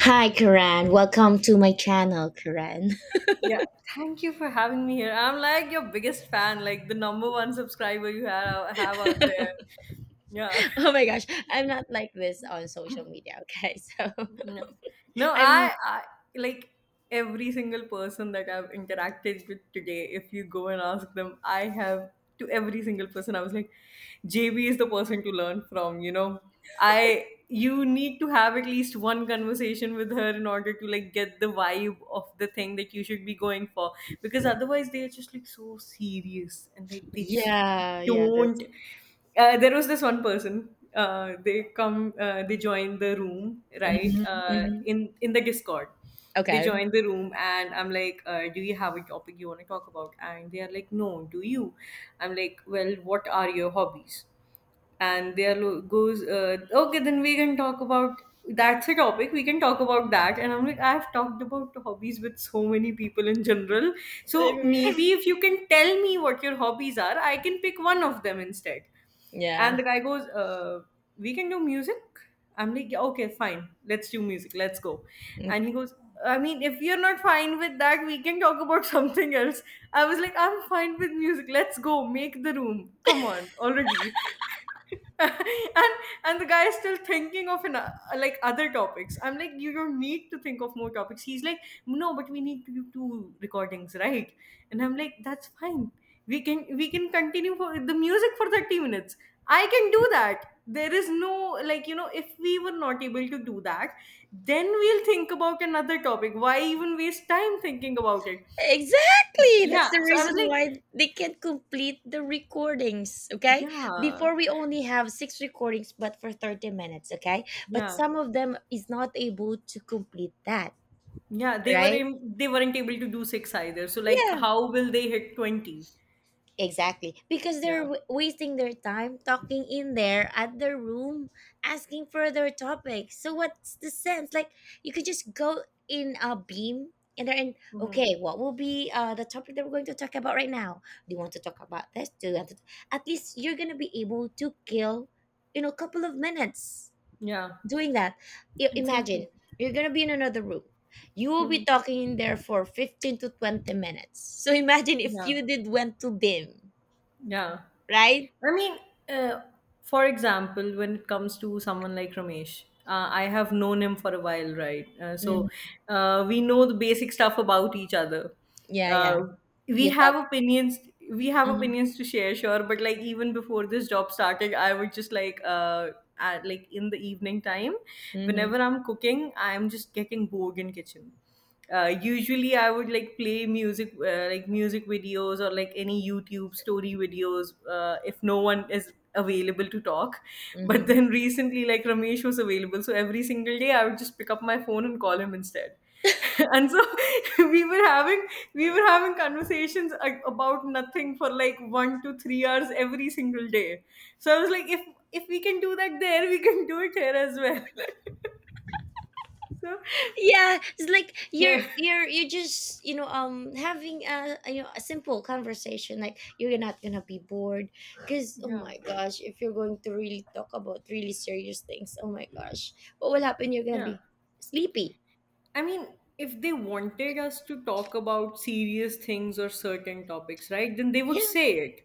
Hi, Karen. Welcome to my channel, Karen. Yeah, thank you for having me here. I'm like your biggest fan, like the number one subscriber you have out there. Yeah. Oh my gosh, I'm not like this on social media. Okay, so No, no, I'm I like every single person that I've interacted with today. If you go and ask them, I have to every single person. I was like, JB is the person to learn from. You know, I you need to have at least one conversation with her in order to like get the vibe of the thing that you should be going for, because otherwise they are just like so serious and like they just yeah, yeah. don't. That's There was this one person. They join the room, right, hmm hmm in the Discord. They okay. join the room and I'm like, do you have a topic you want to talk about? And they are like, no, do you? I'm like, well, what are your hobbies? And there goes, okay, then we can talk about, that's a topic, we can talk about that. And I'm like, I've talked about hobbies with so many people in general, so maybe if you can tell me what your hobbies are, I can pick one of them instead. And Yeah, the guy goes, we can do music. I'm like, "Yeah, okay, fine, let's do music, let's go." And he goes, I mean, if you're not fine with that, we can talk about something else. I was like, I'm fine with music. Let's go. Make the room. Come on, already. and and the guy is still thinking of like other topics. I'm like, you don't need to think of more topics. He's like, no, but we need to do two recordings, right? And I'm like, that's fine. We can continue for the music for 30 minutes. I can do that. There is no, like, you know, if we were not able to do that, then we'll think about another topic. Why even waste time thinking about it? exactly. That's Yeah, the so I was reason like, why they can't complete the recordings. Okay, yeah. before we only have 6 recordings, but for 30 minutes. Okay, but Yeah, some of them is not able to complete that. yeah Right? They weren't able to do six either, so like, Yeah. how will they hit 20? Exactly, because they're Yeah. Wasting their time talking in there at their room, asking further topics. So what's the sense? Like you could just go in a beam and then Hmm. okay, what will be the topic that we're going to talk about right now? Do you want to talk about this? Do you want to? At least you're gonna be able to kill, you know, a couple of minutes Yeah. doing that. Imagine Exactly. you're gonna be in another room. You will be Hmm. talking in there for 15 to 20 minutes. So imagine if Yeah. you did went to BIM, Yeah. right? I mean, uh, for example, when it comes to someone like Ramesh, I have known him for a while, right? Mm. We know the basic stuff about each other. Yeah, yeah. Uh, we You have talk. opinions. We have Mm-hmm. opinions to share, sure. But like, even before this job started, I would just like, like, in the evening time, whenever Mm-hmm. I'm cooking, I'm just getting bored in kitchen. Usually I would like play music, like music videos or like any YouTube story videos, if no one is available to talk. But Mm-hmm. then recently, like, Ramesh was available, so every single day I would just pick up my phone and call him instead. And so we were having we were having conversations about nothing for like 1 to 3 hours every single day. So I was like, if we can do that there, we can do it here as well. So Yeah, it's like you're yeah. you're you just, you know, having you know, a simple conversation. Like, you're not gonna be bored because, oh Yeah. my gosh, if you're going to really talk about really serious things, oh my gosh, what will happen? You're gonna Yeah. be sleepy. I mean, if they wanted us to talk about serious things or certain topics, right, then they would Yeah, say it.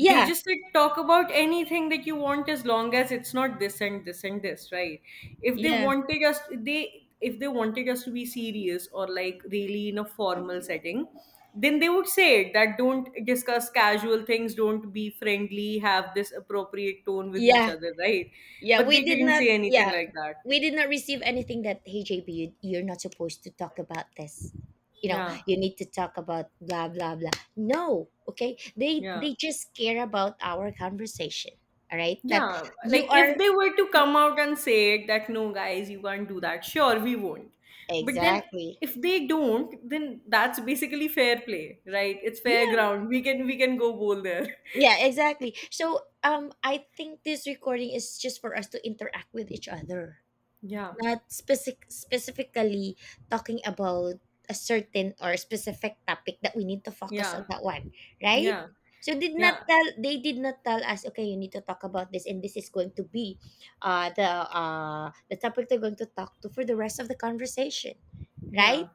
They just said, talk about anything that you want as long as it's not this and this and this, right? If they yeah, wanted us, they if they wanted us to be serious or like really in a formal setting, then they would say it, that don't discuss casual things, don't be friendly, have this appropriate tone with each yeah. other, right? Yeah, But we they did didn't not. say anything Yeah, like that. we did not receive anything that, hey, JB, you're not supposed to talk about this. You know, Yeah, you need to talk about blah blah blah. No, okay. They yeah. they just care about our conversation. All right, that Yeah, like, you if are they were to come out and say that no, guys, you can't do that, sure, we won't. But then exactly. if they don't, then that's basically fair play, right? It's fair Yeah, ground. We can go bowl there. yeah, exactly. So I think this recording is just for us to interact with each other. Yeah, Not specifically talking about a certain or specific topic that we need to focus yeah, on that one, right? yeah, So did not yeah. tell, they did not tell us, okay, you need to talk about this and this is going to be the topic they're going to talk to for the rest of the conversation, right? Yeah.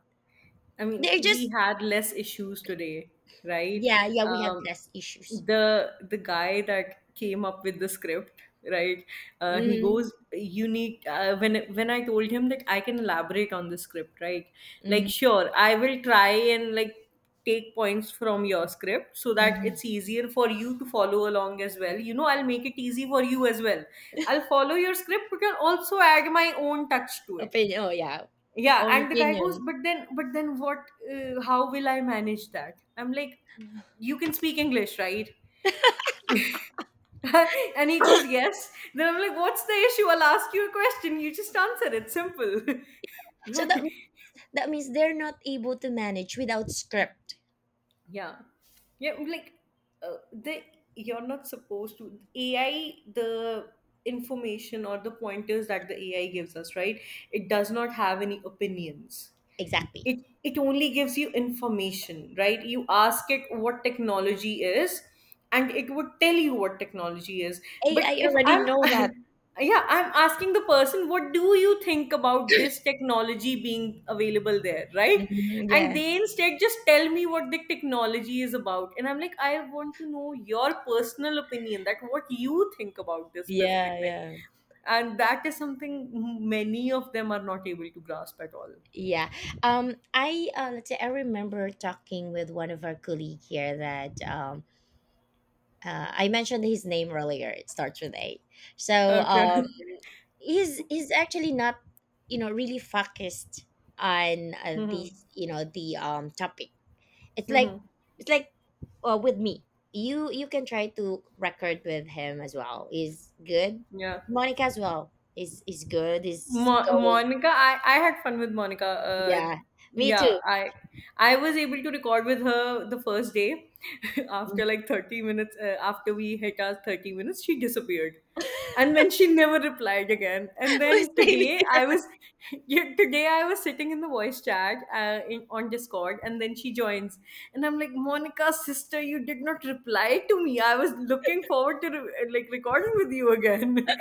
I mean, They're we just had less issues today, right? yeah, yeah, we had Um, less issues. the guy that came up with the script, right? He Mm-hmm. goes, "You need." When I told him that I can elaborate on the script, right? Like, Mm-hmm. sure, I will try and like take points from your script so that Mm-hmm. it's easier for you to follow along as well. You know, I'll make it easy for you as well. I'll follow your script, but I'll also add my own touch to it. Opinion. Oh yeah, Yeah. own And the guy goes, opinion. but then what? How will I manage that? I'm like, you can speak English, right? And he goes, yes. Then I'm like, what's the issue? I'll ask you a question, you just answer it, simple. So that, Right. that means they're not able to manage without script. Yeah. Yeah, like, the you're not supposed to AI the information or the pointers that the AI gives us, right? It does not have any opinions. Exactly. It only gives you information, right? You ask it what technology is, and it would tell you what technology is. But AI if already I'm know that. yeah, I'm asking the person, what do you think about this technology being available there, right? Mhm, And yeah. they instead just tell me what the technology is about, and I'm like, I want to know your personal opinion, that what you think about this specific Yeah, thing. yeah. And that is something many of them are not able to grasp at all. Yeah. I let's say I remember talking with one of our colleague here that I mentioned his name earlier. It starts with A. So Okay. He's actually not, you know, really focused on Mhm. these, you know, the topic. It's like Mhm. it's like With me, you can try to record with him as well. He's good. Yeah. Monica as well is good, is going. Monica, I had fun with Monica. Yeah, me Yeah, too. I I was able to record with her the first day. After like 30 minutes, after we hit our 30 minutes, she disappeared. And then she never replied again. And We're then same today I here. was yeah, today I was sitting in the voice chat, in on Discord, and then she joins. And I'm like, Monica, sister, you did not reply to me. I was looking forward to like recording with you again.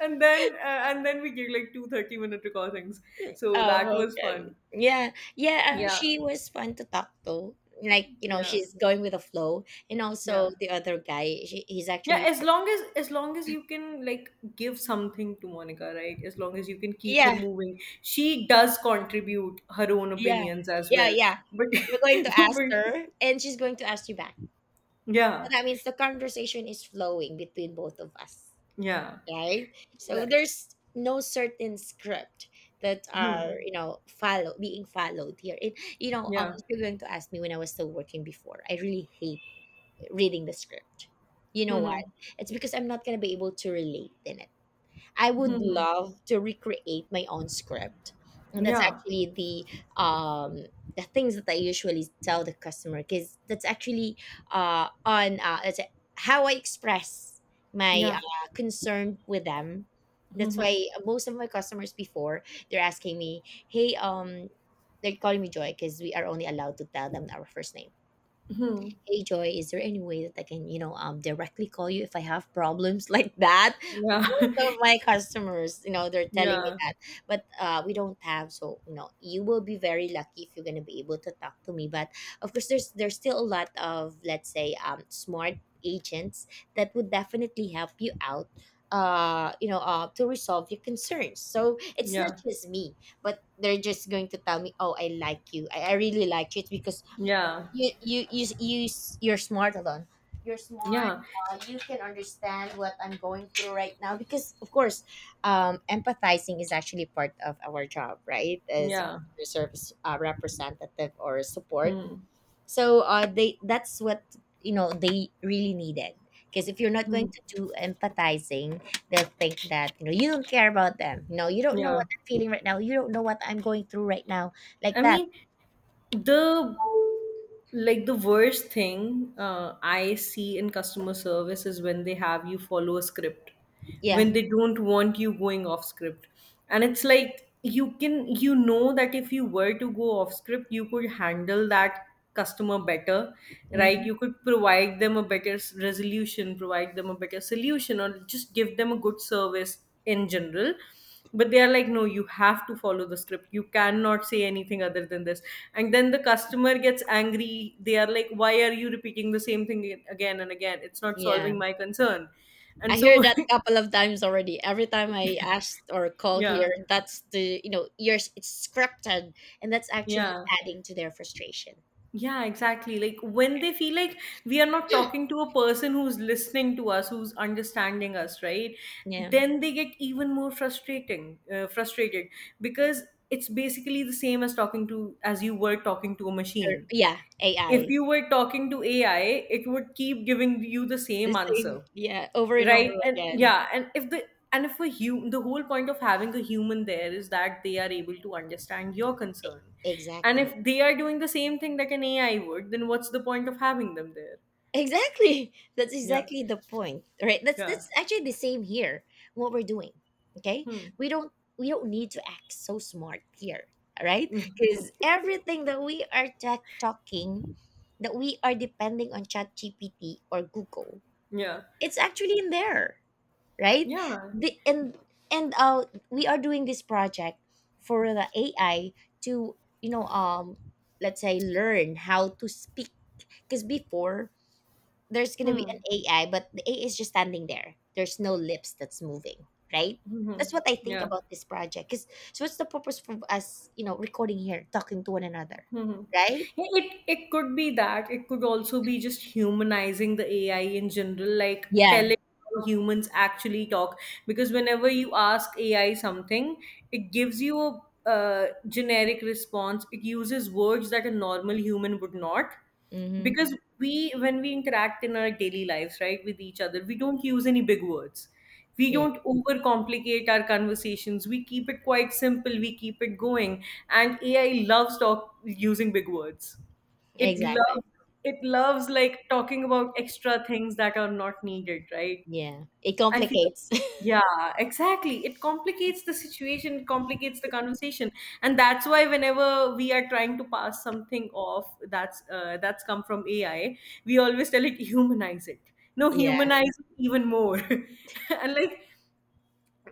And then we get like two 30-minute recordings. So that Oh, was fun. okay, yeah, yeah, Yeah. she was fun to talk to. Like, you know, Yeah. she's going with the flow. And Yeah. also the other guy, she, he's Yeah, actually as long as you can like give something to Monica, right? As long as you can keep her yeah, moving, she does contribute her own yeah, opinions as yeah, well. yeah, But, you're going to ask but her and she's going to ask you back. So yeah. that means the conversation is flowing between both of us, Yeah. right? So Right. there's no certain script that are, Hmm. you know, follow being followed here. And you know, Yeah. if you're going to ask me, when I was still working before, I really hate reading the script. You Hmm. know what? Hmm. It's because I'm not gonna be able to relate in it. I would Hmm. love to recreate my own script. And that's Yeah. actually um, the things that I usually tell the customer because that's actually on that's how I express my Yeah. Concern with them. Hmm. That's Hmm. why most of my customers before, they're asking me, "Hey, they're calling me Joy because we are only allowed to tell them our first name. Hmm. "Hey Joy, is there any way that I can, you know, directly call you if I have problems?" Like that, Yeah. most of my customers, you know, they're telling me Yeah. that. But we don't have, so you know, you will be very lucky if you're going to be able to talk to me. But of course there's still a lot of, let's say, smart agents that would definitely help you out you know to resolve your concerns. So it's not Yeah. just me, but they're just going to tell me, oh, I like you. I really like you. It's because Yeah. you you you you you're smart alone, you're smart. Yeah. You can understand what I'm going through right now because of course empathizing is actually part of our job, right? As Yeah. a service representative or support. Hmm. So they, that's what, you know, they really needed because if you're not Hmm. going to do empathizing, they'll think that, you know, you don't care about them, you know, you don't know Yeah. what I'm feeling right now, you don't know what I'm going through right now, like I that. mean, the the worst thing I see in customer service is when they have you follow a script, Yeah. when they don't want you going off script, and it's like, you know that if you were to go off script, you could handle that customer better, right? Hmm. You could provide them a better resolution, provide them a better solution, or just give them a good service in general. But they are like, no, you have to follow the script, you cannot say anything other than this. And then the customer gets angry, they are like, why are you repeating the same thing again and again, it's not Yeah. solving my concern. I And hear so that a couple of times already. Every time I ask or call yeah. here, that's the, you know, yours. It's scripted, and that's actually Yeah. adding to their frustration. Yeah, exactly. Like, when they feel like we are not talking to a person who's listening to us, who's understanding us, right? Yeah, Then they get even more frustrated, because it's basically the same as talking to as you were talking to a or, machine. yeah, If AI. you were talking to AI, it would keep giving you the The same same. answer, Yeah, over and right? over And again. yeah, and if the and if a hu- the whole point of having a human there is that they are able to understand your concern. And Exactly. if they are doing the same thing that an AI would, then what's the point of having them there? Exactly. That's Yeah. exactly the point, right? That's Yeah. that's actually the same here. What we're doing, okay? Hmm. We don't we don't need to act so smart here, all right? Because everything that we are tech talking, that we are depending on ChatGPT or Google, Yeah. it's actually in there, right? Yeah. The and We are doing this project for the AI to, you know, let's say, learn how to speak, because before, there's going to be an Hmm. AI, but the AI is just standing there. There's no lips that's moving, right? Hmm. Hmm. That's what I think Yeah. about this project. Because so, what's the purpose for us, you know, recording here, talking to one another, Hmm. right? Yeah, it could be that. It could also be just humanizing the AI in general, like Yeah. telling how humans actually talk. Because whenever you ask AI something, it gives you a, uh, generic response. It uses words that a normal human would not, Mm-hmm. because we when we interact in our daily lives, right, with each other, we don't use any big words, we Yeah. don't overcomplicate our conversations, we keep it quite simple, we keep it going. And AI loves talk using big words. it Exactly. loves it loves like talking about extra things that are not needed, right? Yeah. It I feel like, complicates. yeah, exactly. It complicates the situation, it complicates the conversation, and that's why whenever we are trying to pass something off that's come from AI, we always tell it, humanize it. No, yeah. humanize it even more. and like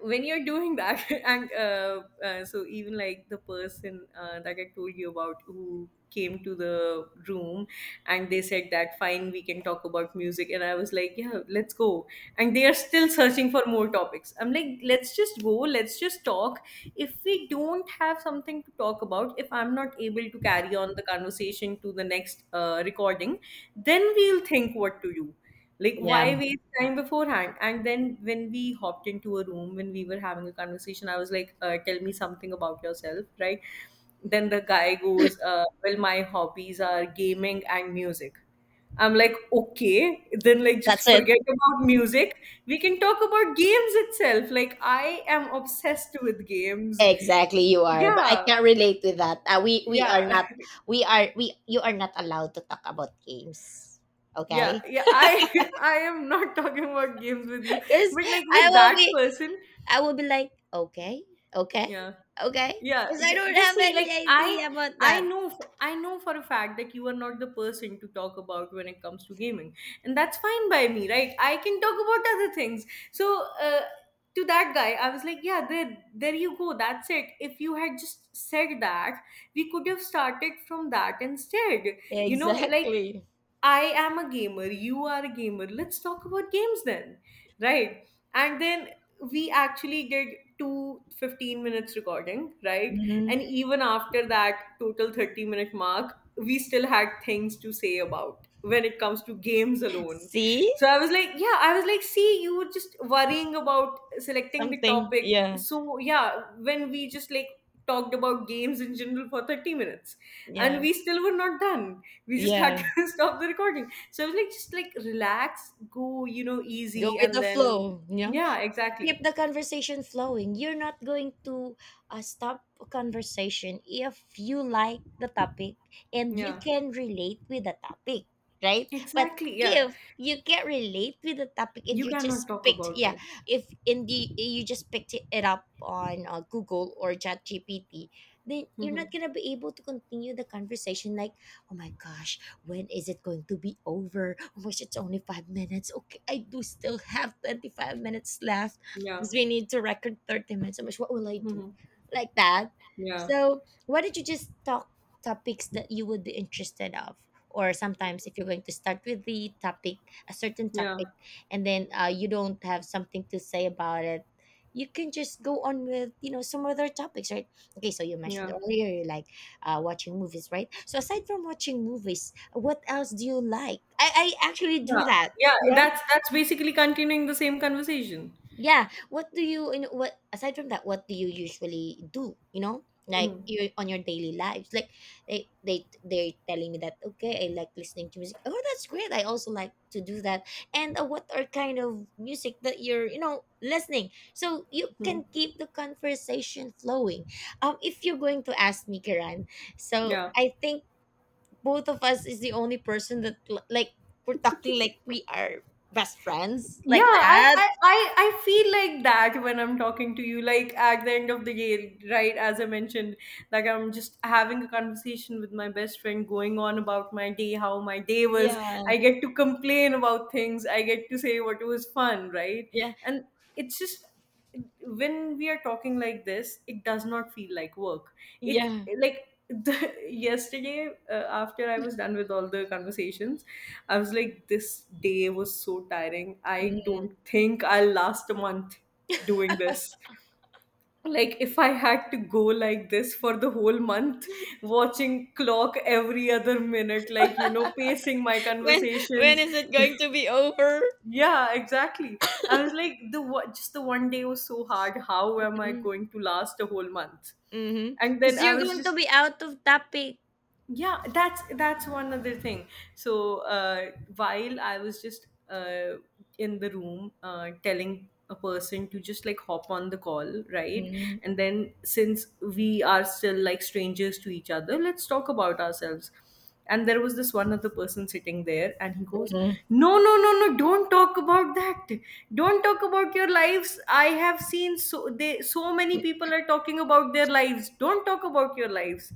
when you're doing that and so even the person that I told you about who came to the room and they said that fine, we can talk about music, and I was like, yeah, let's go. And they are still searching for more topics. I'm like, let's just go, let's just talk. If we don't have something to talk about, if I'm not able to carry on the conversation to the next recording, then we'll think what to do. Yeah. Why waste time beforehand? And then when we hopped into a room, when we were having a conversation, I was like, tell me something about yourself, right? Then the guy goes, well, my hobbies are gaming and music. I'm like, okay, then just That's it. forget about music. We can talk about games itself. Like, I am obsessed with games. Exactly, you are. But I Yeah, can't relate with that. We are yeah. not. We are we. You are not allowed to talk about games. Yeah, Okay. yeah, I I am not talking about games with you, Because but I with will that be. person. I would be like, okay, okay, Yeah. okay, Yeah, because I don't you have see, any idea about I that. know, I know for a fact that you are not the person to talk about when it comes to gaming, and that's fine by me, right? I can talk about other things. So, to that guy, I was like, yeah, there you go. That's it. If you had just said that, we could have started from that instead. You know, like, Exactly. I am a gamer, you are a gamer. Let's talk about games then, right? And then we actually did two 15 minutes recording, right? Hmm. And even after that total 30-minute mark, we still had things to say about when it comes to games alone. See So I was like, yeah, I was like, see, you were just worrying about selecting the something? topic. Yeah, So yeah, when we just talked about games in general for 30 minutes yeah, and we still were not done, we just had yeah. to stop the recording. So I was like, just like relax, go, you know, Go easy, with and the then flow. Yeah. yeah, exactly, Keep the conversation flowing. You're not going to stop a conversation if you like the topic and you yeah, can relate with the topic, right? But exactly, yeah. if you can't relate with the topic and You you cannot just talk picked, about yeah, it. if in the you just picked it it up on Google or chat gpt then you're Hmm. not gonna be able to continue the conversation. Like, oh my gosh, when is it going to be over? Oh my gosh, it's only 5 minutes. Okay, I do still have 25 minutes left Yeah. because we need to record 30 minutes. So much. What will I do? Hmm. Like that. Yeah, So why don't you just talk topics that you would be interested of? Or sometimes if you're going to start with the topic, a certain topic, yeah, and then you don't have something to say about it, you can just go on with, you know, some other topics, right? Okay, so you mentioned yeah, earlier you like watching movies, right? So aside from watching movies, what else do you like? I actually yeah, do that. yeah. Yeah. That's basically continuing the same conversation. Yeah. What do you, you know, what aside from that, what do you usually do? You know, like Hmm. you on your daily lives. Like they're telling me that okay, I like listening to music. Oh, that's great. I also like to do that. And what are kind of music that you're, you know, listening? So you Hmm. can keep the conversation flowing. If you're going to ask me, Kiran, so Yeah. I think both of us is the only person that like, we're talking like we are best friends Yeah, like that. I feel like that when I'm talking to you, like at the end of the day, right? As I mentioned, like I'm just having a conversation with my best friend, going on about my day, how my day was. Yeah. I get to complain about things, I get to say what was fun, right? Yeah. And it's just when we are talking like this, it does not feel like work. It's Yeah. like yesterday after I was done with all the conversations, I was like, this day was so tiring, I don't Mm. think I'll last a month doing this. Like if I had to go like this for the whole month, watching clock every other minute, like, you know, pacing my When when conversations. is it going to be over? Yeah, exactly. I was like, just the one day was so hard, how am I Mhm. going to last a whole month? Mhm. And then 'Cause I you're was going to just, be out of topic. yeah, that's one other thing. So while I was just in the room telling a person to just hop on the call, right? Mhm, And then, since we are still like strangers to each other, let's talk about ourselves. And there was this one other person sitting there, and he goes, mhm. no, no, no, no, don't talk about that, don't talk about your lives, I have seen so many people are talking about their lives, don't talk about your lives.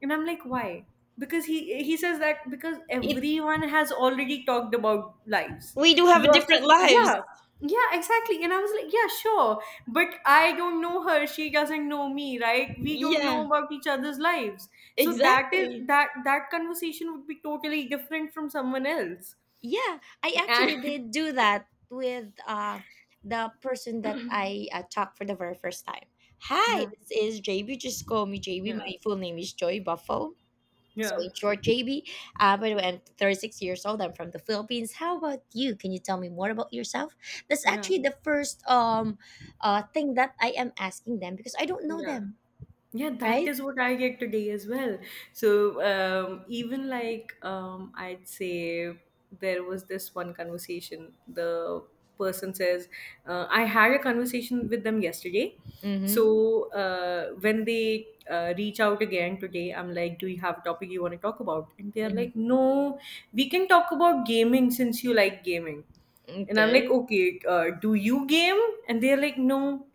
And I'm like, why? Because he says that because It everyone has already talked about lives we do have lots different of lives. yeah. Yeah, exactly. And I was like, yeah, sure. But I don't know her. She doesn't know me, right? We don't Yeah, know about each other's lives. So that is exactly. That conversation would be totally different from someone else. Yeah, I And actually did do that with the person that I talked for the very first time. Hi, yeah, this is JB. Just call me JB. yeah, My full name is Joy Buffo. So yeah, in short, JB, by the way, I'm 36 years old. I'm from the Philippines. How about you? Can you tell me more about yourself? That's yeah, actually the first thing that I am asking them because I don't know yeah. them, Yeah, that right? is what I get today as well. So, even I'd say there was this one conversation. The person says, I had a conversation with them yesterday. Mm-hmm. So, when they reach out again today, I'm like, do you have a topic you want to talk about? And they're Mm-hmm. like, no, we can talk about gaming since you like gaming. And I'm like, Okay. okay, do you game? And they're like, no.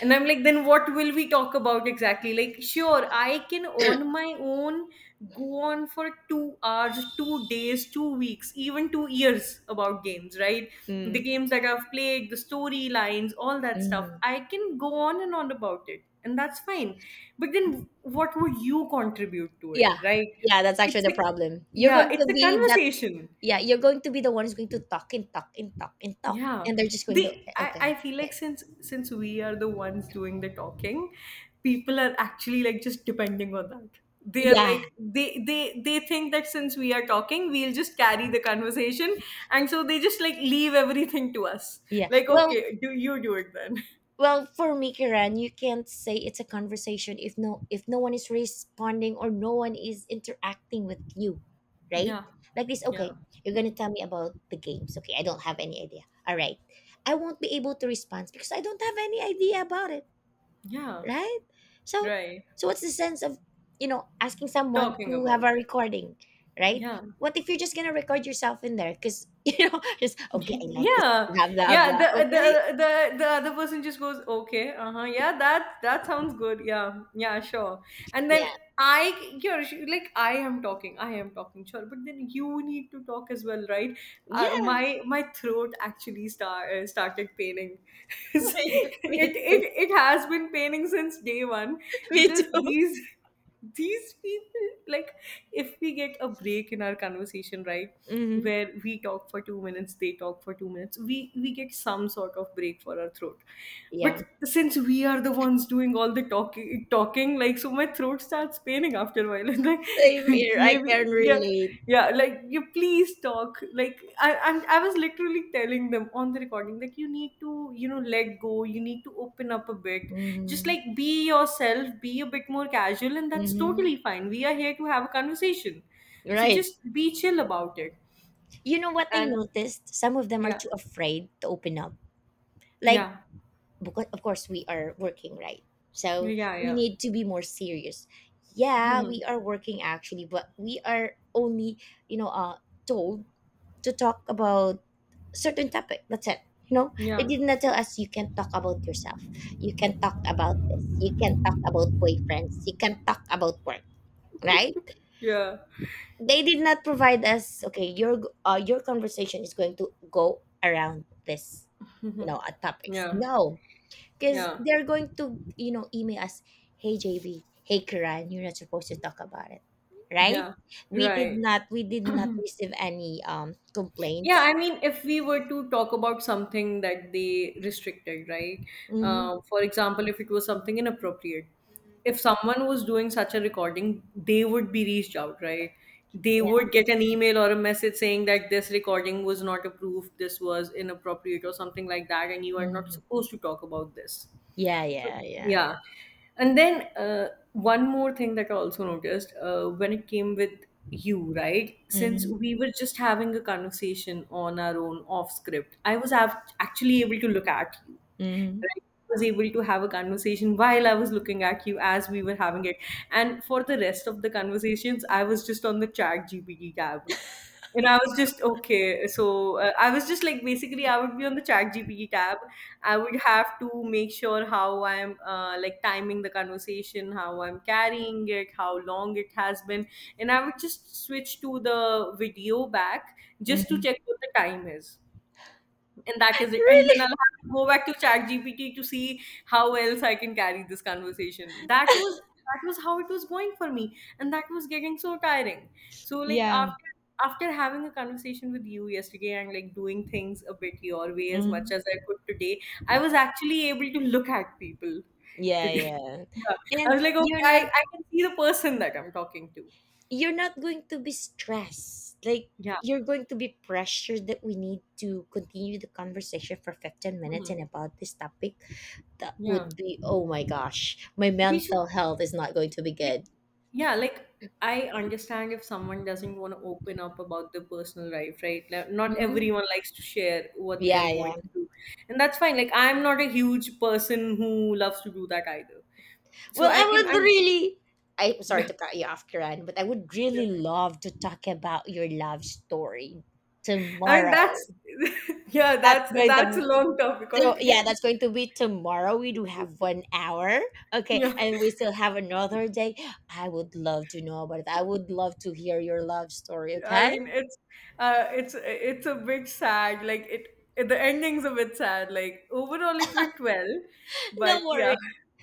And I'm like, then what will we talk about exactly? Like, sure, I can on my own go on for 2 hours, 2 days, 2 weeks, even 2 years about games, right? The games that I've played, the storylines, all that stuff. Mm-hmm. I can go on and on about it, and that's fine. But then what would you contribute to it, Yeah. right? Yeah, that's actually It's the a problem. You're Yeah, going to it's a be that, conversation. yeah, you're going to be the one who's going to talk and talk and talk and talk. Yeah, And they're just going to they. Okay, I okay, feel like, okay. since we are the ones doing the talking, people are actually like just depending on that. They are Yeah. like they think that since we are talking, we'll just carry the conversation, and so they just leave everything to us. Yeah. Like, Well, okay, do you do it then? Well, for me, Kiran, you can't say it's a conversation if no one is responding or no one is interacting with you, right? Yeah, Like this, yeah, okay, you're gonna tell me about the games. Okay, I don't have any idea. All right. I won't be able to respond because I don't have any idea about it, yeah. right? So Right, so what's the sense of asking someone talking to have about a it. recording, right? Yeah. What if you're just gonna record yourself in there? Because just okay, I like this, Yeah, blah blah yeah, blah. Okay. The other person just goes, okay, uh-huh, yeah, that sounds good, yeah, yeah, sure. And then Yeah. I you're like, I am talking, I am talking, sure, but then you need to talk as well, right? Yeah. My throat actually started paining. Me too. It has been paining since day 1 Me because too. these people like, if we get a break in our conversation, right, Hmm where we talk for 2 minutes, they talk for 2 minutes, we get some sort of break for our throat. But Yeah. since we are the ones doing all the talking, like so, my throat starts paining after a while. It's Same like, here. I maybe can yeah, relate. yeah, like, you please talk. Like I was literally telling them on the recording like, you need to, you know, let go. You need to open up a bit. Just Hmm like be yourself, be a bit more casual, and that's hmm totally fine. We are here to have a conversation. So Right. just be chill about it. You know what I And noticed? Some of them are yeah, too afraid to open up. Like, yeah, because of course we are working, right? So yeah, we yeah, need to be more serious. Yeah, mhm, we are working actually, but we are only, you know, uh, told to talk about certain topic. That's it. You know, they yeah, did not tell us you can talk about yourself, you can talk about this, you can talk about boyfriends, you can talk about work, right? yeah, They did not provide us. Okay, your conversation is going to go around this, topics. yeah, No, because yeah, they're going to email us, hey JB, hey Kiran, you're not supposed to talk about it, right? yeah, We did right. not we did not receive any Yeah, complaints. I mean, if we were to talk about something that they restricted, right? Mm-hmm. For example, if it was something inappropriate, if someone was doing such a recording, they would be reached out, right? They would Yeah. get an email or a message saying that this recording was not approved, this was inappropriate, or something like that, and you are not Mhm. supposed to talk about this. Yeah, So, yeah, yeah. yeah. And then one more thing that I also noticed when it came with you, right? Since Mhm, we were just having a conversation on our own off script, I was actually able to look at you, mhm, right? I was able to have a conversation while I was looking at you as we were having it. And for the rest of the conversations, I was just on the chat GPT tab. And I was just okay. So I was just like, basically I would be on the chat GPT tab. I would have to make sure how I'm timing the conversation, how I'm carrying it, how long it has been, and I would just switch to the video back just to mhm. check what the time is, and that is it. And then I'll Really? have to go back to ChatGPT to see how else I can carry this conversation. That was how it was going for me, and that was getting so tiring. So like, Yeah. after having a conversation with you yesterday and like doing things a bit your way as much Mhm. as I could today, I was actually able to look at people Yeah, today. yeah. Yeah, I And was like, okay, you're not I can see the person that I'm talking to. you're not going to be stressed. Like Yeah. you're going to be pressured that we need to continue the conversation for 15 minutes Mhm. and about this topic. That Yeah. would be oh my gosh, my They should mental health is not going to be good. Yeah, like I understand if someone doesn't want to open up about their personal life, right? Like, not Mhm. everyone likes to share what they are Yeah, going yeah. through. And that's fine. Like, I'm not a huge person who loves to do that either. So Well, I I can I would really. I'm sorry yeah, to cut you off, Kiran, but I would yeah. really love to talk about your love story I mean tomorrow. that's yeah, That's that's going a to. long topic So yeah, altogether. that's going to be tomorrow. We do have 1 hour, okay, Yeah. and we still have another day. I would love to know about it. I would love to hear your love story. I Okay, mean it's it's a bit sad. Like it the ending's a bit sad. Like, overall it went well. no But worry, yeah,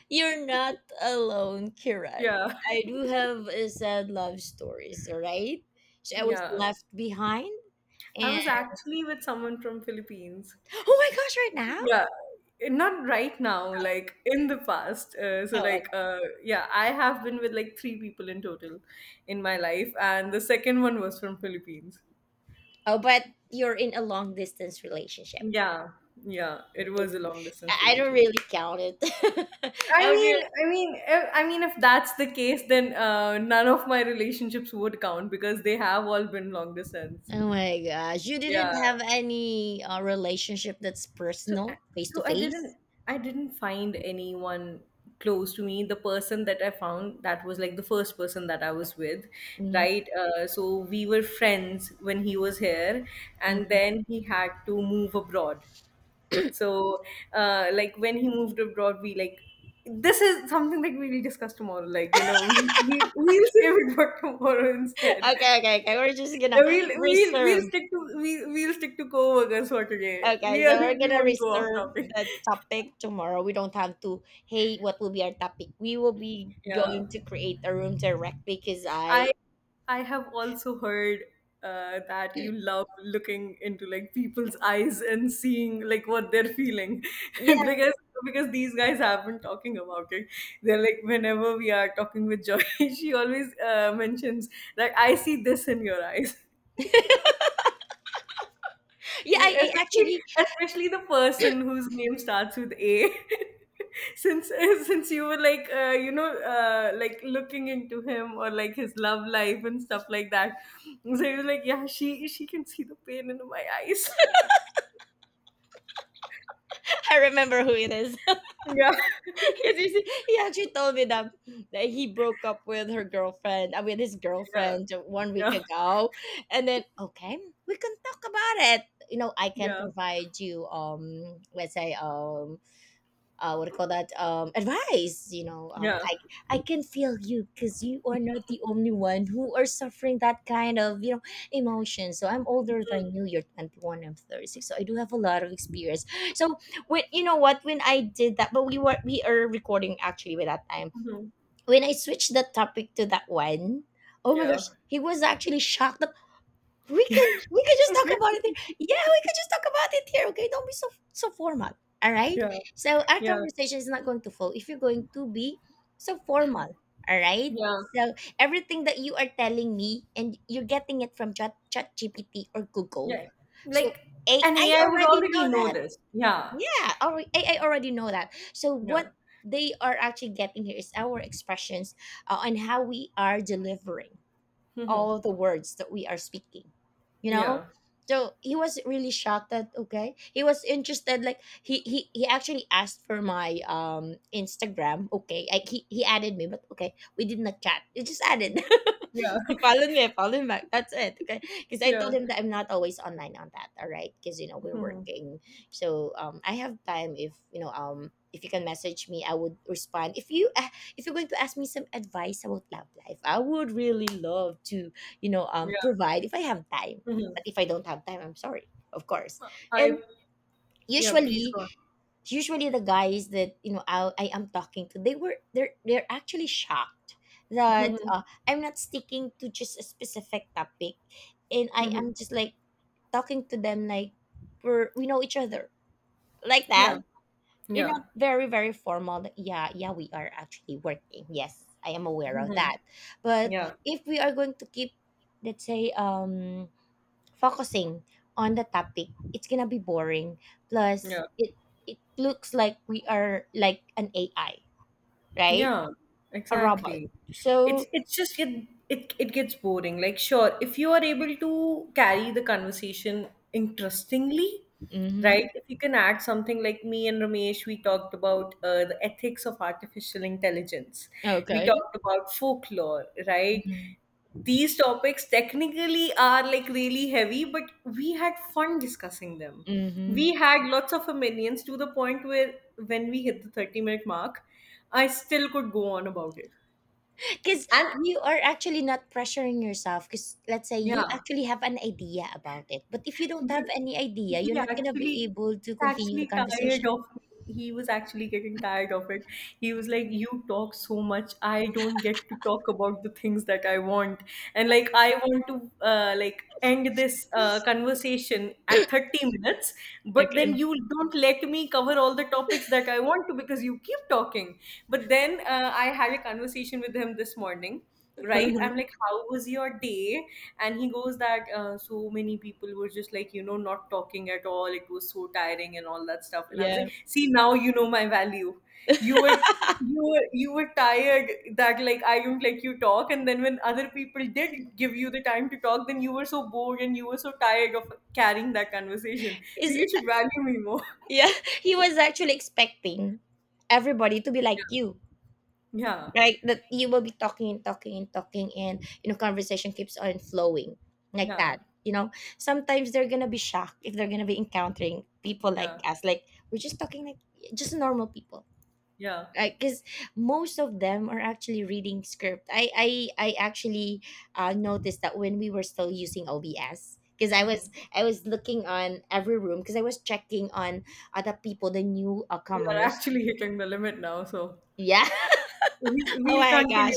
you're not alone, Kiran. yeah. I do have a sad love stories. All right, so I was Yeah. left behind, I and was actually with someone from Philippines. oh my gosh, right now. Yeah, not right now, like in the past. So Oh, okay. Yeah, I have been with like 3 people in total in my life, and the second one was from Philippines. Oh, but you're in a long distance relationship. Yeah, yeah, it was a long distance I don't relationship. really count it. I would really. If, if that's the case, then none of my relationships would count because they have all been long distance. Oh my gosh, you didn't Yeah. have any relationship that's So, personal, face to so I face. didn't, find anyone close to me. The person that I found that was like the first person that I was with, Mhm, right? So we were friends when he was here, and mhm. then he had to move abroad. So, like when he moved abroad, we like. This is something that we will discuss tomorrow. Like, you know, we'll save it for tomorrow instead. Okay, okay, okay. We're just gonna We'll reserve. stick to we we'll stick to co-workers for today. Okay, We are, so we're we gonna won't go off reserve topic. the topic tomorrow. We don't have to. Hey, what will be our topic? We will be Yeah. going to create a room directly because I I. I have also heard that you love looking into like people's eyes and seeing like what they're feeling, Yeah, because these guys have been talking about it. They're like, whenever we are talking with Joy, she always mentions, like, I see this in your eyes. yeah. I Especially, actually the person whose name starts with A. Since you were like you know like looking into him or like his love life and stuff like that, so he was like, yeah, she can see the pain in my eyes. I remember who it is. Yeah, 'Cause he actually told me that, that he broke up with his yeah, girlfriend 1 week yeah, ago. And then, okay, we can talk about it. You know, I can yeah, provide you, let's say, what do you call that advice yeah, I can feel you because you are not the only one who are suffering that kind of emotion. So I'm older than you. You're 21, I'm 36, so I do have a lot of experience. So when you know what when I did that, but we are recording actually by that time, mhm, when I switched the topic to that one, oh my yeah, gosh, he was actually shocked. We can just talk about it here. Yeah, we can just talk about it here. Okay, don't be so formal. All right. yeah, So our yeah, conversation is not going to flow if you're going to be so formal. All right. yeah, So everything that you are telling me and you're getting it from Chat GPT or Google. yeah. So Like, an AI AI would already know already know that. this. Yeah, AI already know that. So yeah, what they are actually getting here is our expressions and how we are delivering hmm, all the words that we are speaking, you know. yeah, So he was really shocked that okay, he was interested. Like he actually asked for my Instagram. Okay, he added me, but okay, we did not chat. He just added, yeah, he followed me, I followed him back, that's it. Okay, because I told yeah, him that I'm not always online on that. All right, because you know, we're hmm, working. So I have time. If if you can message me, I would respond. If you're going to ask me some advice about love life, I would really love to, yeah. provide if I have time. Mhm. But if I don't have time, I'm sorry, of course. I, And yeah, please usually, go on. usually the guys that I am talking to, they were they're actually shocked that I'm not sticking to just a specific topic, and I Mhm. am just like talking to them like we know each other like that. Yeah, You're yeah, not very, very formal. Yeah, yeah, we are actually working. Yes, I am aware of that. But yeah, if we are going to keep, let's say, focusing on the topic, it's gonna be boring. Plus, yeah, it looks like we are like an AI, right? yeah. A robot. Exactly. It's So, just it gets boring. Like, sure, if you are able to carry the conversation interestingly, mm-hmm. right? If you can add something, like me and Ramesh, we talked about the ethics of artificial intelligence. We Okay. talked about folklore, right? These topics technically are like really heavy, but we had fun discussing them. Mm-hmm. We had lots of opinions to the point where, when we hit the 30-minute mark, I still could go on about it. Because And you are actually not pressuring yourself, because let's say you yeah. actually have an idea about it, but if you don't have But any idea, you're he not going to be actually, able to he's continue the actually tired conversation. of me. He was actually getting tired of it. He was like, you talk so much. I don't get to talk about the things that I want. And like, I want to like end this conversation at 30 minutes, but Like, then I'm, you don't let me cover all the topics that I want to because you keep talking. But then I had a conversation with him this morning, right? I'm like, how was your day? And he goes that, so many people were just like, you know, not talking at all, it was so tiring and all that stuff. And I was yeah. like, see, now you know my value. you were you were tired that like, I don't let you talk, and then when other people did give you the time to talk, then you were so bored and you were so tired of carrying that conversation. So is you should value me more. Yeah, he was actually expecting everybody to be like you, Yeah, right? That you will be talking and talking and talking and you know conversation keeps on flowing like yeah, that, you know. Sometimes they're gonna be shocked if they're gonna be encountering people like yeah, us, like we're just talking like just normal people. yeah. Because most of them are actually reading script. I actually noticed that when we were still using OBS, because I was Hmm. I was looking on every room, because I was checking on other people, the new We are comers. actually hitting the limit now, so Yeah. Oh we'll my continue gosh.